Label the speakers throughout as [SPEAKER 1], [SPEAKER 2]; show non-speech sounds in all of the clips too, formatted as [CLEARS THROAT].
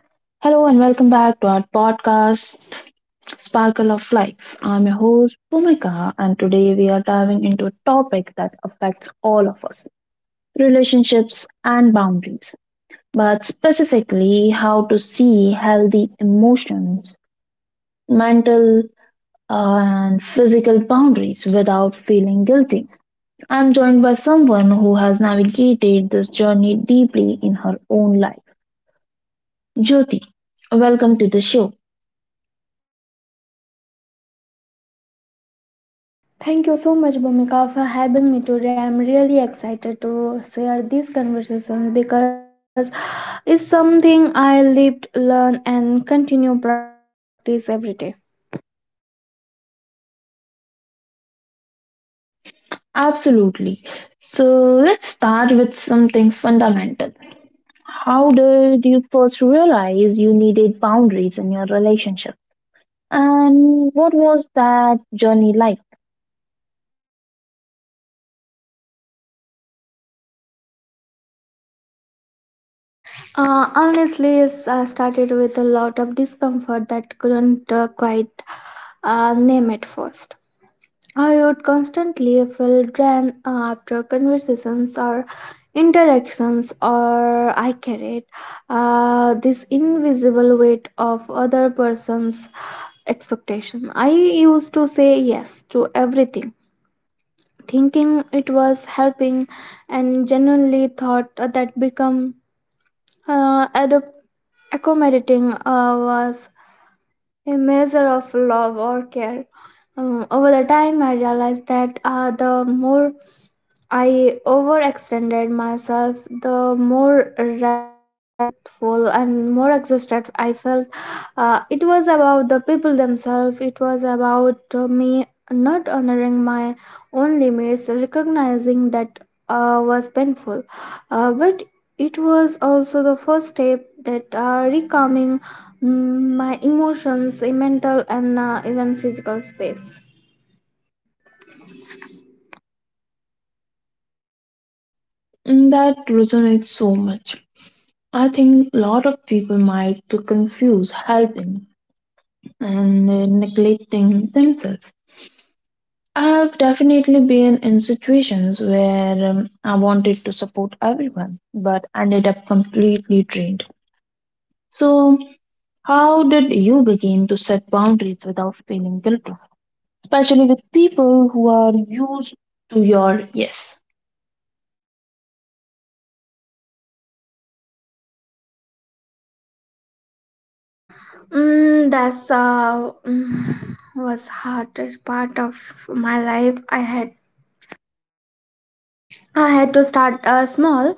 [SPEAKER 1] Hello and welcome back to our podcast, Sparkle of Life. I'm your host, Bhumika, and today we are diving into a topic that affects all of us, relationships and boundaries, but specifically how to see healthy emotions, mental, and physical boundaries without feeling guilty. I'm joined by someone who has navigated this journey deeply in her own life. Jyoti, welcome to the show.
[SPEAKER 2] Thank you so much, Bhumika, for having me today. I'm really excited to share these conversations because it's something I lived, learn, and continue practice every day.
[SPEAKER 1] Absolutely. So let's start with something fundamental. How did you first realize you needed boundaries in your relationship? And what was that journey like?
[SPEAKER 2] Honestly, it's started with a lot of discomfort that couldn't quite name at first. I would constantly feel drained after conversations or interactions, or I carried this invisible weight of other person's expectation. I used to say yes to everything, thinking it was helping, and genuinely thought that become uh, ad- accommodating was a measure of love or care. Over the time, I realized that the more I overextended myself, the more resentful and more exhausted I felt. It was about the people themselves, it was about me not honoring my own limits, recognizing that was painful. But it was also the first step that recalming my emotions, a mental and even physical space.
[SPEAKER 1] That resonates so much. I think a lot of people might to confuse helping and neglecting themselves. I've definitely been in situations where I wanted to support everyone but ended up completely drained. So, how did you begin to set boundaries without feeling guilty, especially with people who are used to your yes?
[SPEAKER 2] [SIGHS] Was hardest part of my life. I had to start small.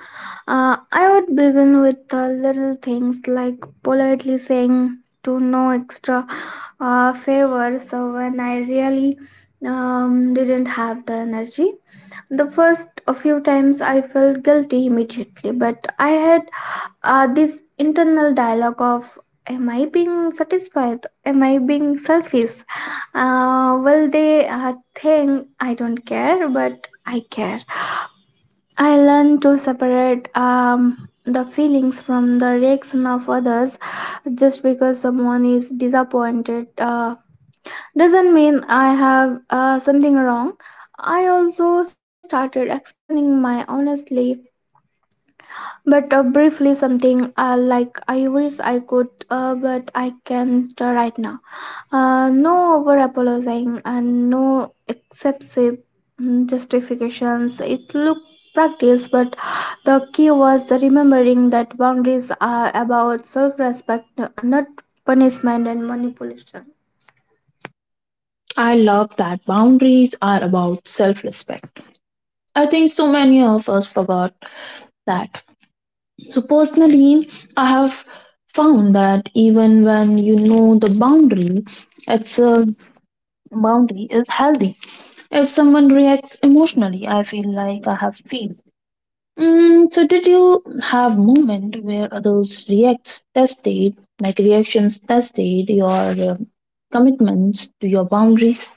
[SPEAKER 2] I would begin with little things like politely saying to no extra favors. So when I really didn't have the energy. The first few times I felt guilty immediately, but I had this internal dialogue of am I being satisfied, am I being selfish, well they think I don't care, but I care. I learn to separate the feelings from the reaction of others. Just because someone is disappointed doesn't mean I have something wrong. I also started explaining my honestly, But briefly, something like I wish I could, but I can't right now. No over apologizing and no excessive justifications. It looked practice, but the key was remembering that boundaries are about self respect, not punishment and manipulation.
[SPEAKER 1] I love that boundaries are about self respect. I think so many of us forgot that. So, personally, I have found that even when you know the boundary, it's a boundary is healthy. If someone reacts emotionally, I feel like I have failed. Mm, so did you have moment where others reacts tested, like reactions tested your commitments to your boundaries?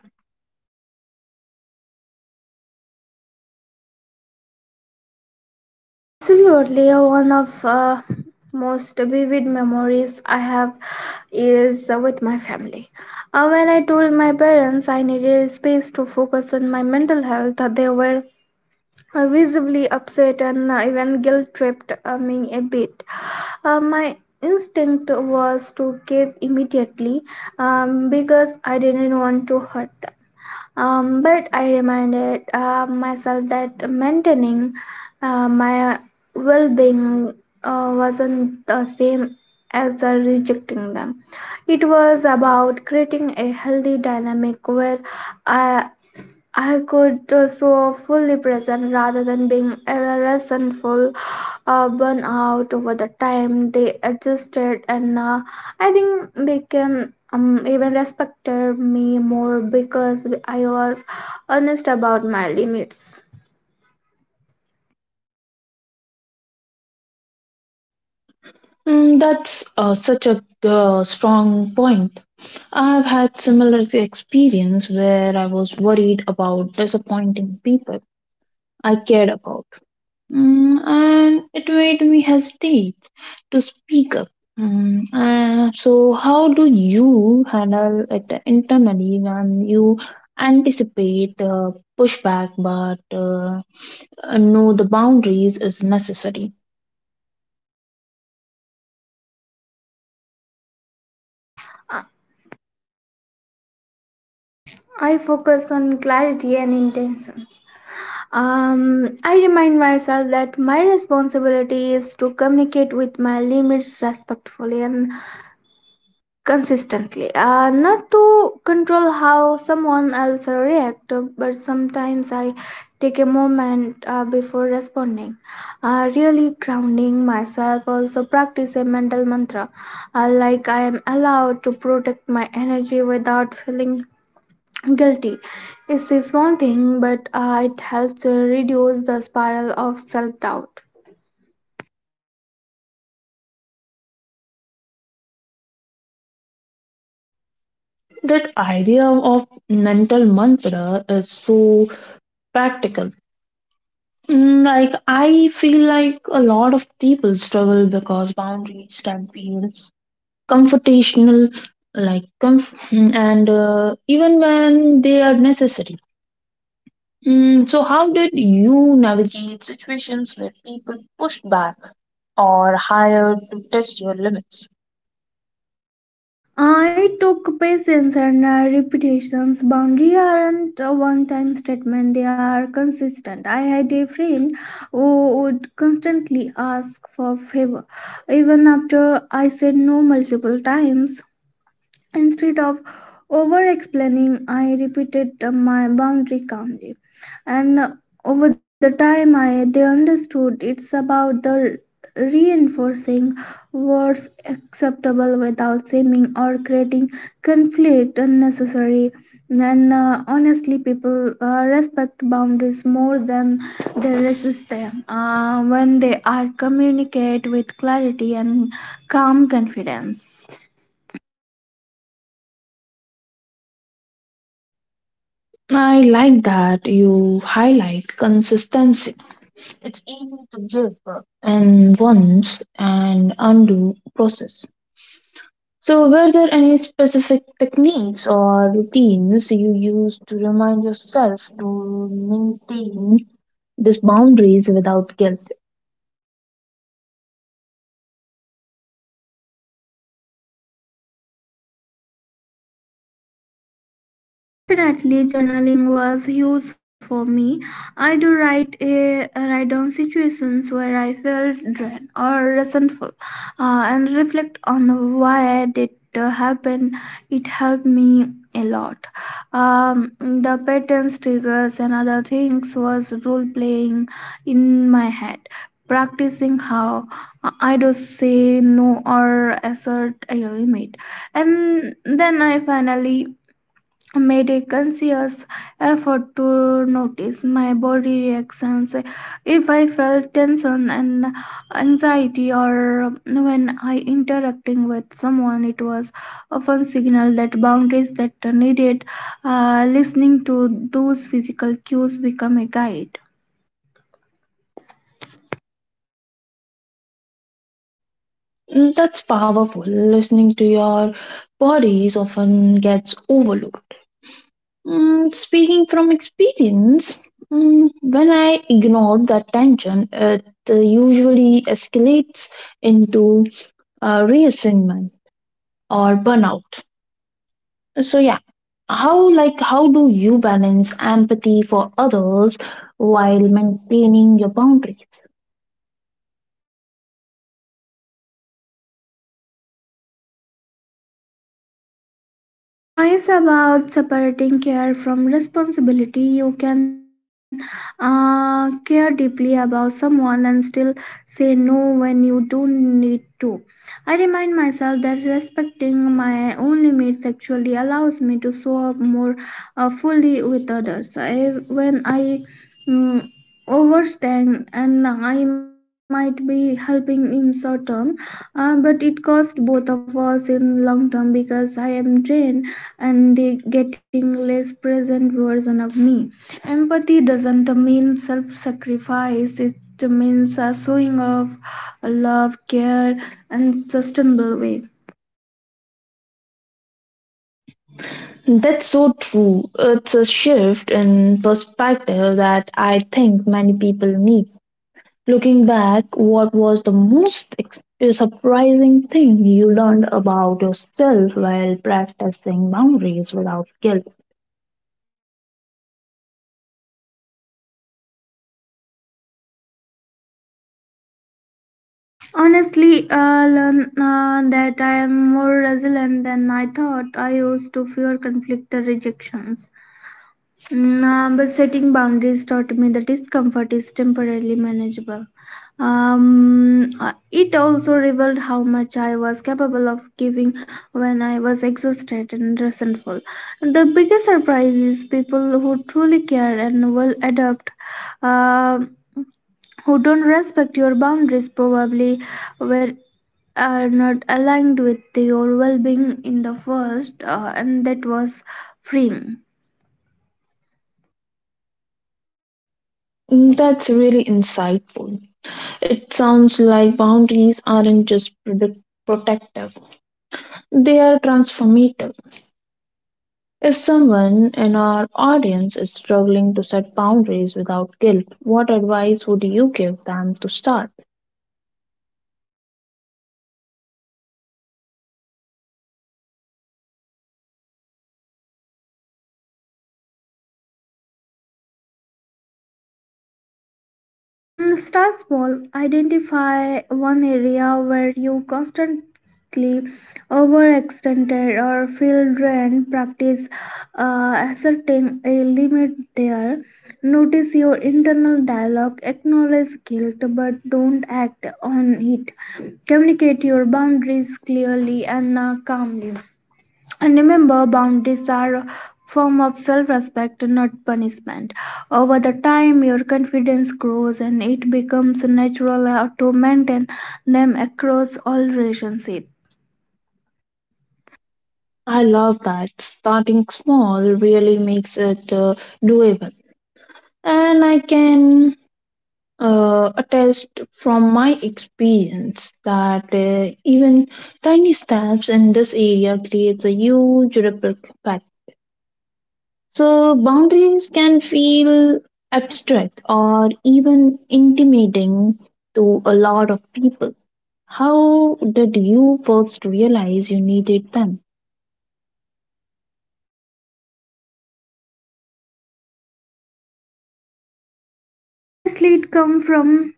[SPEAKER 2] Absolutely, one of most vivid memories I have is with my family. When I told my parents I needed space to focus on my mental health, they were visibly upset and even guilt tripped me a bit. My instinct was to cave immediately because I didn't want them, but I reminded myself that maintaining my well being wasn't the same as rejecting them. It was about creating a healthy dynamic where I, I could so fully present rather than being resentful burn out. Over the time they adjusted, and I think they can even respected me more because I was honest about my limits.
[SPEAKER 1] Mm, that's such a strong point. I've had similar experience where I was worried about disappointing people I cared about. And it made me hesitate to speak up. So, how do you handle it internally when you anticipate pushback but know the boundaries is necessary?
[SPEAKER 2] Uh, I focus on clarity and intention. um, I remind myself that my responsibility is to communicate with my limits respectfully and consistently, not to control how someone else react. But sometimes I take a moment before responding, really grounding myself. Also practice a mental mantra, like I am allowed to protect my energy without feeling guilty. It's a small thing, but it helps to reduce the spiral of self-doubt.
[SPEAKER 1] That idea of mental mantra is so practical. Mm. Like, I feel like a lot of people struggle because boundaries can feel comfortational, like and even when they are necessary. Mm, so how did you navigate situations where people pushed back or hired to test your limits?
[SPEAKER 2] I took patience and repetitions. Boundary aren't a one-time statement; they are consistent. I had a friend who would constantly ask for favor, even after I said no multiple times. Instead of over explaining, I repeated my boundary calmly. And over the time, I they understood. It's about the reinforcing words acceptable without seeming or creating conflict unnecessary. And honestly, people respect boundaries more than they resist them when they are communicate with clarity and calm confidence.
[SPEAKER 1] I like that you highlight consistency. It's easy to give in once and undo process. So, were there any specific techniques or routines you used to remind yourself to maintain these boundaries without guilt?
[SPEAKER 2] Definitely, journaling was huge for me. I do write a write down situations where I felt drained or resentful, and reflect on why that happened. It helped me a lot. The patterns, triggers, and other things was role playing in my head. Practicing how I do say no or assert a limit, and then I finally made a conscious effort to notice my body reactions. If I felt tension and anxiety or when I interacting with someone, it was often signal that boundaries that needed listening to. Those physical cues become a guide.
[SPEAKER 1] That's powerful. Listening to your bodies often gets overlooked. Speaking from experience, when I ignore that tension, it usually escalates into reassignment or burnout. So yeah, how do you balance empathy for others while maintaining your boundaries?
[SPEAKER 2] It's about separating care from responsibility. You can care deeply about someone and still say no when you don't need to. I remind myself that respecting my own limits actually allows me to show up more fully with others. When I mm, overstand and I might be helping in short term, but it costs both of us in long term because I am drained and they getting less present version of me. Empathy doesn't mean self-sacrifice. It means a showing of love care and sustainable way.
[SPEAKER 1] That's so true. It's a shift in perspective that I think many people need. Looking back, what was the most surprising thing you learned about yourself while practicing boundaries without guilt?
[SPEAKER 2] Honestly, I learned that I am more resilient than I thought. I used to fear conflict or rejections. Nah, but setting boundaries taught me that discomfort is temporarily manageable. It also revealed how much I was capable of giving when I was exhausted and resentful. The biggest surprise is people who truly care and will adapt, uh, who don't respect your boundaries, probably were are not aligned with your well-being in the first, and that was freeing.
[SPEAKER 1] That's really insightful. It sounds like boundaries aren't just protective, they are transformative. If someone in our audience is struggling to set boundaries without guilt, what advice would you give them to start?
[SPEAKER 2] Start small. Identify one area where you constantly overextended or feel drained. Practice asserting a limit there. Notice your internal dialogue. Acknowledge guilt, but don't act on it. Communicate your boundaries clearly and calmly. And remember, boundaries are a form of self-respect, not punishment. Over the time, your confidence grows, and it becomes natural to maintain them across all relationships.
[SPEAKER 1] I love that. Starting small really makes it doable. And I can attest from my experience that even tiny steps in this area creates a huge ripple effect. So, boundaries can feel abstract or even intimidating to a lot of people. How did you first realize you needed them?
[SPEAKER 2] Honestly, it comes from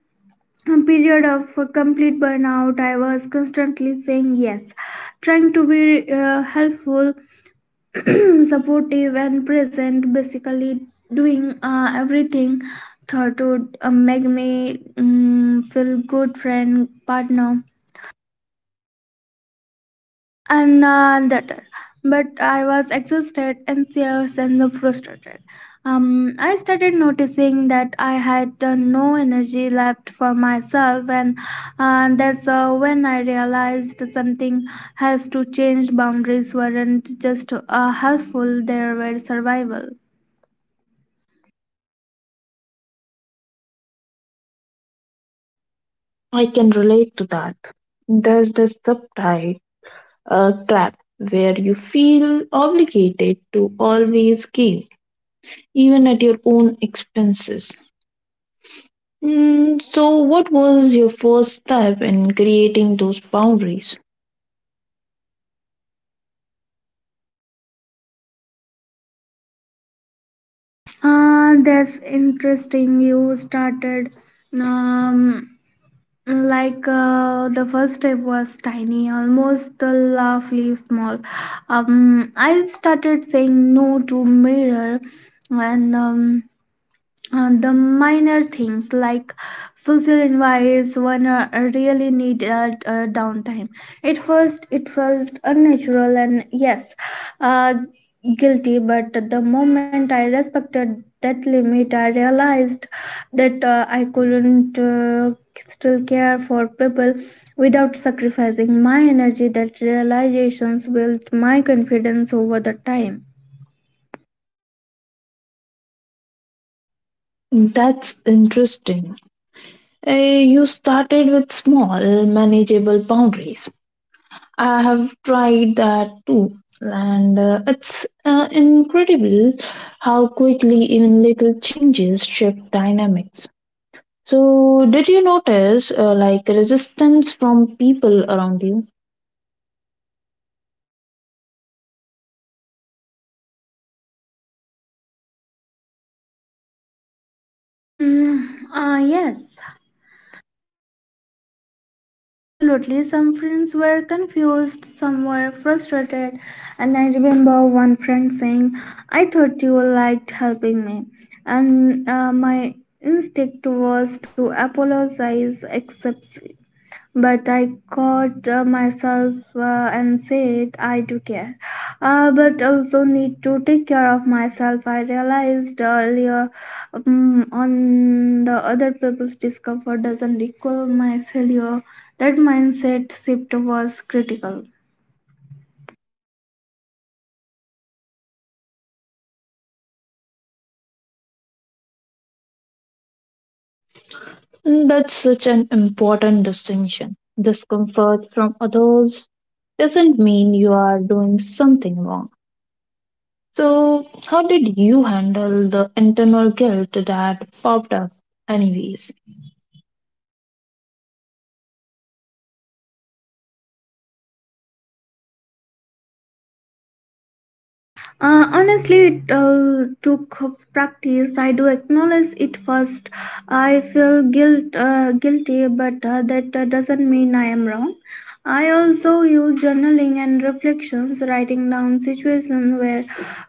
[SPEAKER 2] a period of complete burnout. I was constantly saying yes, trying to be helpful [CLEARS THROAT] supportive and present, basically doing everything thought would make me feel good friend partner and daughter. But I was exhausted anxious and frustrated. I started noticing that I had no energy left for myself, and that's when I realized something has to change. Boundaries weren't just helpful, they were survival.
[SPEAKER 1] I can relate to that. There's this subtle trap where you feel obligated to always give, even at your own expenses. Mm, so, what was your first step in creating those boundaries?
[SPEAKER 2] Ah, that's interesting. You started um, like the first step was tiny, almost the lovely small. I started saying no to mirror and the minor things like social invites when really needed downtime. At first, it felt unnatural and yes, uh, guilty. But the moment I respected that limit, I realized that I couldn't still care for people without sacrificing my energy. That realizations built my confidence over the time.
[SPEAKER 1] That's interesting. You started with small, manageable boundaries. I have tried that too, and it's incredible how quickly even little changes shift dynamics. So, did you notice like resistance from people around you?
[SPEAKER 2] Mm, yes. Absolutely, some friends were confused, some were frustrated, and I remember one friend saying, I thought you liked helping me. And my instinct was to apologize, accept, but I caught myself and said, I do care. But also need to take care of myself. I realized earlier on the other people's discomfort doesn't equal my failure. That mindset shift was critical.
[SPEAKER 1] That's such an important distinction. Discomfort from others doesn't mean you are doing something wrong. So, how did you handle the internal guilt that popped up, anyways?
[SPEAKER 2] Honestly, it took of practice. I do acknowledge it first. I feel guilty, but that doesn't mean I am wrong. I also use journaling and reflections, writing down situations where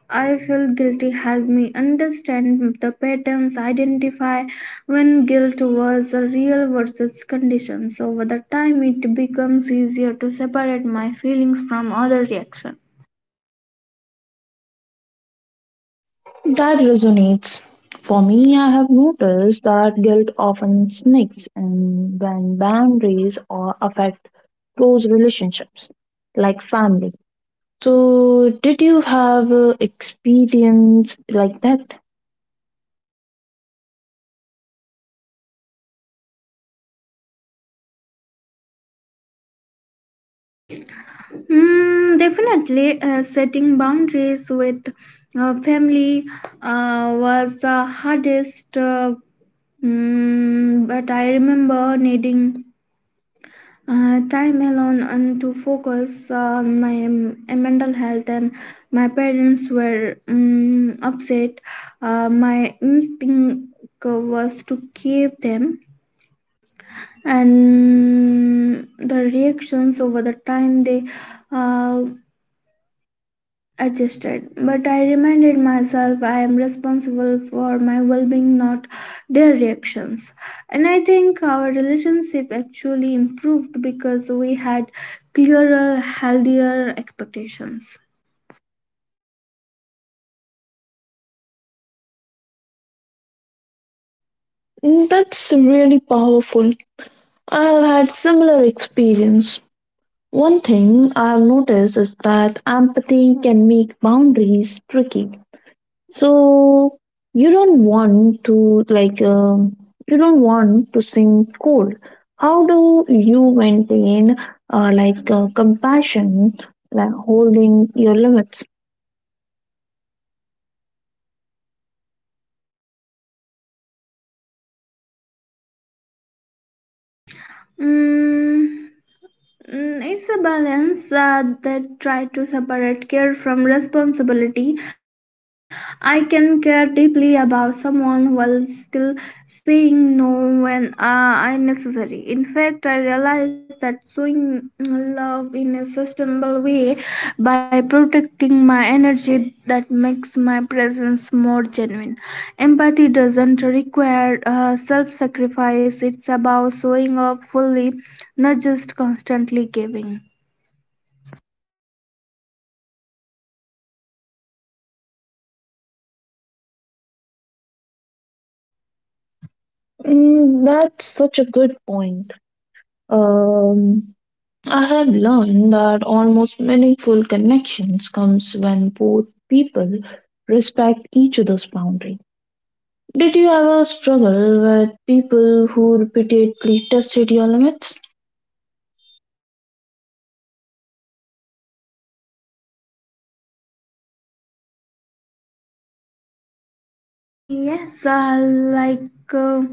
[SPEAKER 2] I feel guilty help me understand the patterns, identify when guilt was a real versus conditions. Over the time, it becomes easier to separate my feelings from other reactions.
[SPEAKER 1] That resonates. For me, I have noticed that guilt often sneaks in when boundaries or affect close relationships, like family. So, did you have experience like that?
[SPEAKER 2] Definitely, setting boundaries with family was the hardest, but I remember needing time alone and to focus on my mental health. And my parents were mm upset. My instinct was to cave them, and the reactions over the time they. Uh, Adjusted. But I reminded myself I am responsible for my well being, not their reactions. And I think our relationship actually improved because we had clearer, healthier expectations.
[SPEAKER 1] That's really powerful. I have had similar experience. One thing I've noticed is that empathy can make boundaries tricky. So you don't want to you don't want to seem cold. How do you maintain compassion, like holding your limits?
[SPEAKER 2] 嗯，it's a balance that try to separate care from responsibility. I can care deeply about someone while still saying no when unnecessary. In fact, I realize that showing love in a sustainable way by protecting my energy that makes my presence more genuine. Empathy doesn't require self-sacrifice. It's about showing up fully, not just constantly giving.
[SPEAKER 1] That's such a good point. Um, I have learned that almost meaningful connections comes when both people respect each other's boundaries. Did you ever struggle with people who repeatedly tested your limits?
[SPEAKER 2] Yes, like uh,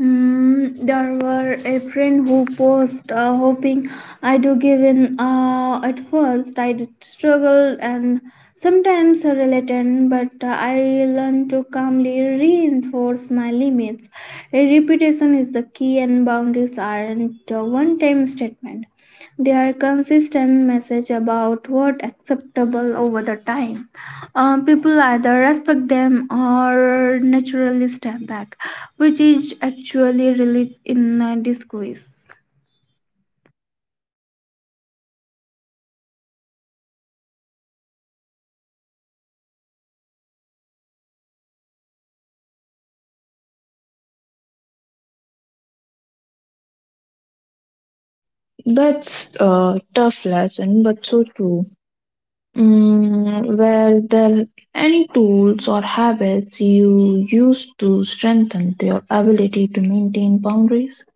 [SPEAKER 2] there were a friend who posted hoping I do give in. At first, I did struggle and sometimes reluctant, but I learned to calmly reinforce my limits. A repetition is the key, and boundaries aren't a one-time statement. They are consistent message about what acceptable over the time. People either respect them or naturally step back, which is actually relief in a disguise.
[SPEAKER 1] That's a tough lesson, but so true. Mm, were there any tools or habits you used to strengthen your ability to maintain boundaries?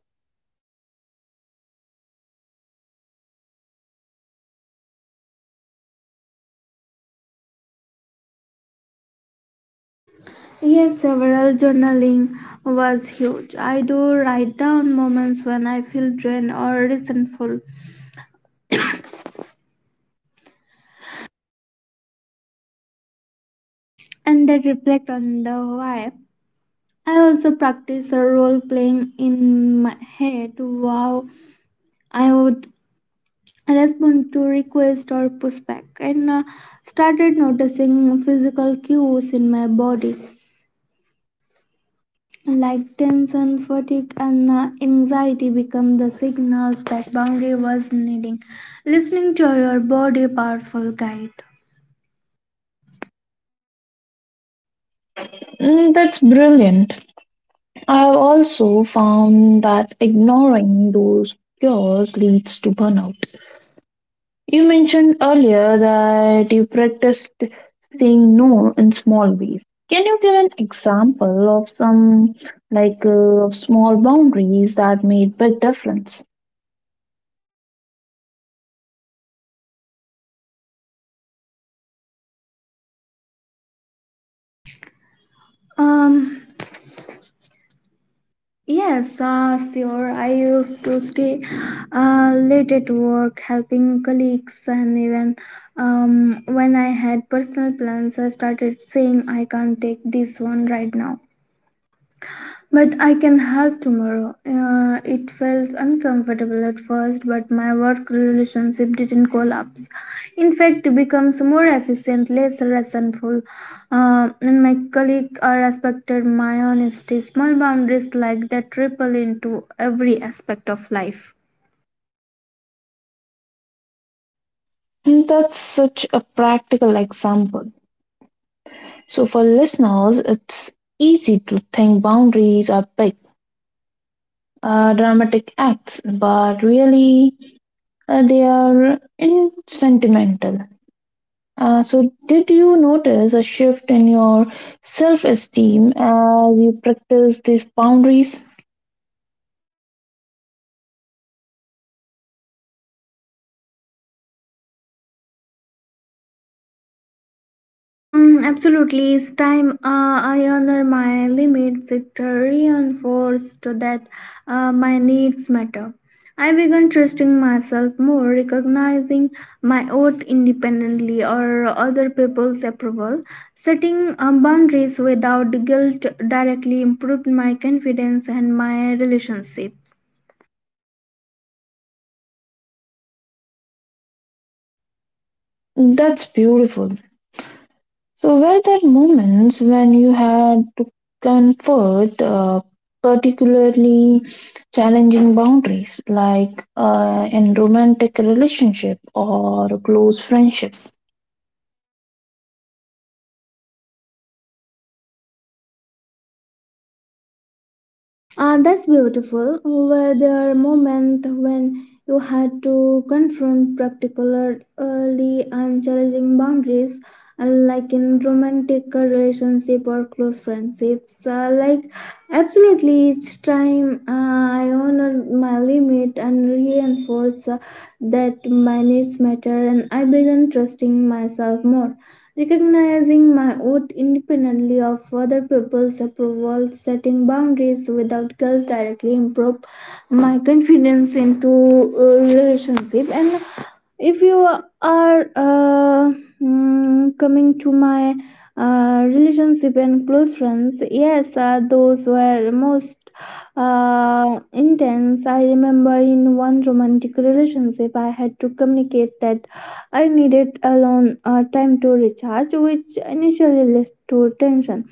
[SPEAKER 2] Yes, several journaling was huge. I do write down moments when I feel drained or resentful and then reflect on the why. I also practice a role playing in my head, wow, I would respond to request or pushback, and started noticing physical cues in my body like tension fatigue and anxiety become the signals that boundary was needing listening to. Your body powerful guide.
[SPEAKER 1] That's brilliant. I've also found that ignoring those cures leads to burnout. You mentioned earlier that you practiced saying no in small ways. Can you give an example of some like uh, of small boundaries that made big difference?
[SPEAKER 2] um yes, sure. I used to stay late at work helping colleagues, and even when I had personal plans I started saying I can't take this one right now, but I can help tomorrow. It felt uncomfortable at first, but my work relationship didn't collapse. In fact, it becomes more efficient, less resentful, and my colleague respected my honesty. Small boundaries like that ripple into every aspect of life.
[SPEAKER 1] That's such a practical example. So for listeners, it's easy to think boundaries are big, dramatic acts, but really they are in sentimental. So, did you notice a shift in your self esteem as you practice these boundaries?
[SPEAKER 2] Absolutely. Each time I honor my limits, it reinforced that my needs matter. I began trusting myself more, recognizing my worth independently or other people's approval. Setting boundaries without guilt directly improved my confidence and my relationship.
[SPEAKER 1] That's beautiful. So, were there moments when you had to comfort particularly challenging boundaries, like in romantic relationship or a close friendship?
[SPEAKER 2] That's beautiful. Were there moments when you had to confront particularly unchallenging boundaries, like in romantic relationship or close friendships? Absolutely, each time I honor my limit and reinforce that my needs matter, and I began trusting myself more. Recognizing my worth independently of other people's approval, setting boundaries without guilt directly improve my confidence into relationship. And if you are coming to my relationship and close friends, yes, those were most intense. I remember in one romantic relationship, I had to communicate that I needed alone time to recharge, which initially led to tension.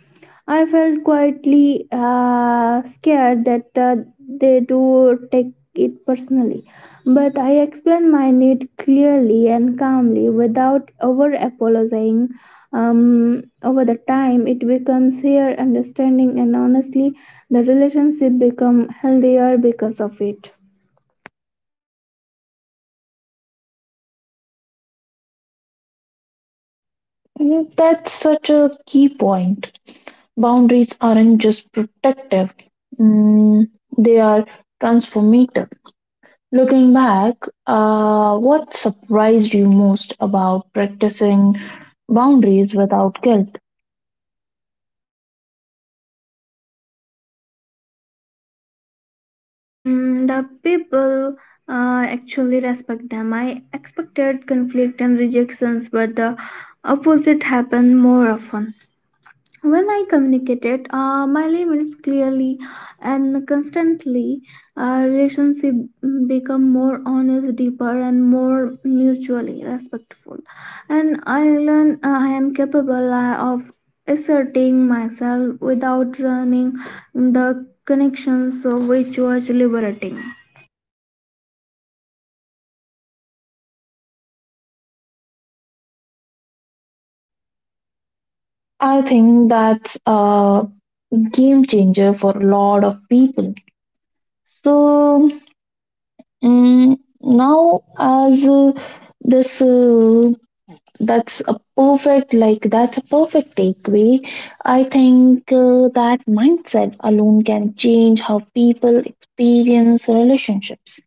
[SPEAKER 2] I felt quietly scared that they do take it personally, but I explained my need clearly and calmly without over apologizing. Over the time, it becomes here understanding, and honestly, the relationship become healthier because of it.
[SPEAKER 1] That's such a key point. Boundaries aren't just protective; mm, they are transformative. Looking back, what surprised you most about practicing boundaries without guilt?
[SPEAKER 2] The people actually respect them. I expected conflict and rejections, but the opposite happened more often. When I communicated my limits clearly and constantly, relationship become more honest, deeper, and more mutually respectful. And I learn I am capable of asserting myself without running the connection, so which was liberating.
[SPEAKER 1] I think that's a game changer for a lot of people. So mm now, as uh, this, uh, that's a perfect takeaway. I think that mindset alone can change how people experience relationships.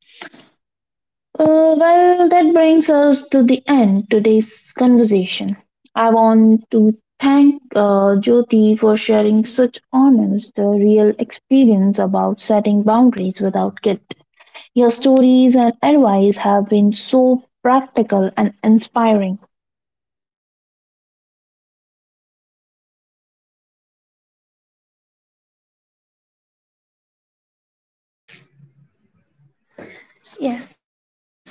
[SPEAKER 1] Well, that brings us to the end today's conversation. I want to thank Jyoti for sharing such honest, real experience about setting boundaries without guilt. Your stories and advice have been so practical and inspiring.
[SPEAKER 2] Yes,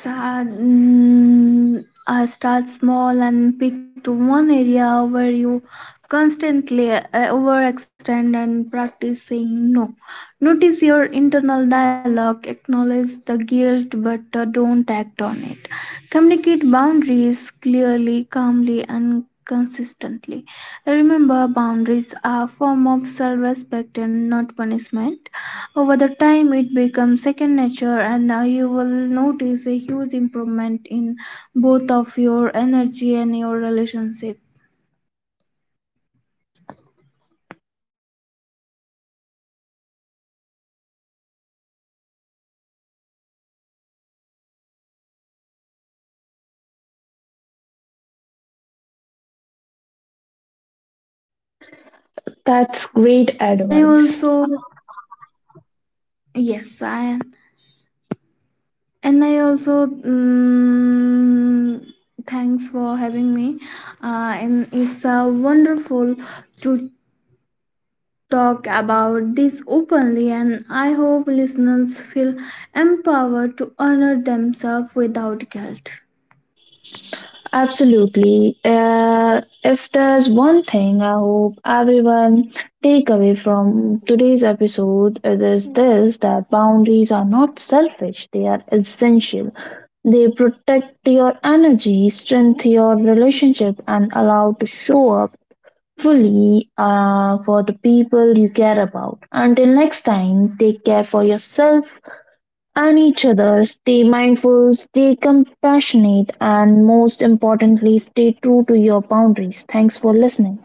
[SPEAKER 2] start small and pick to one area where you constantly overextend and practice saying no. Notice your internal dialogue, acknowledge the guilt, but don't act on it. Communicate boundaries clearly, calmly, and consistently. Remember, boundaries are a form of self respect and not punishment. Over the time, it becomes second nature, and you will notice a huge improvement in both of your energy and your relationship.
[SPEAKER 1] That's great
[SPEAKER 2] And I
[SPEAKER 1] advice.
[SPEAKER 2] also, yes, I and I also thanks for having me. And it's wonderful to talk about this openly, and I hope listeners feel empowered to honor themselves without guilt.
[SPEAKER 1] Absolutely. If there's one thing I hope everyone take away from today's episode, it is this, that boundaries are not selfish, they are essential. They protect your energy, strengthen your relationship, and allow to show up fully for the people you care about. Until next time, take care for yourself, and each other, stay mindful, stay compassionate, and most importantly, stay true to your boundaries. Thanks for listening.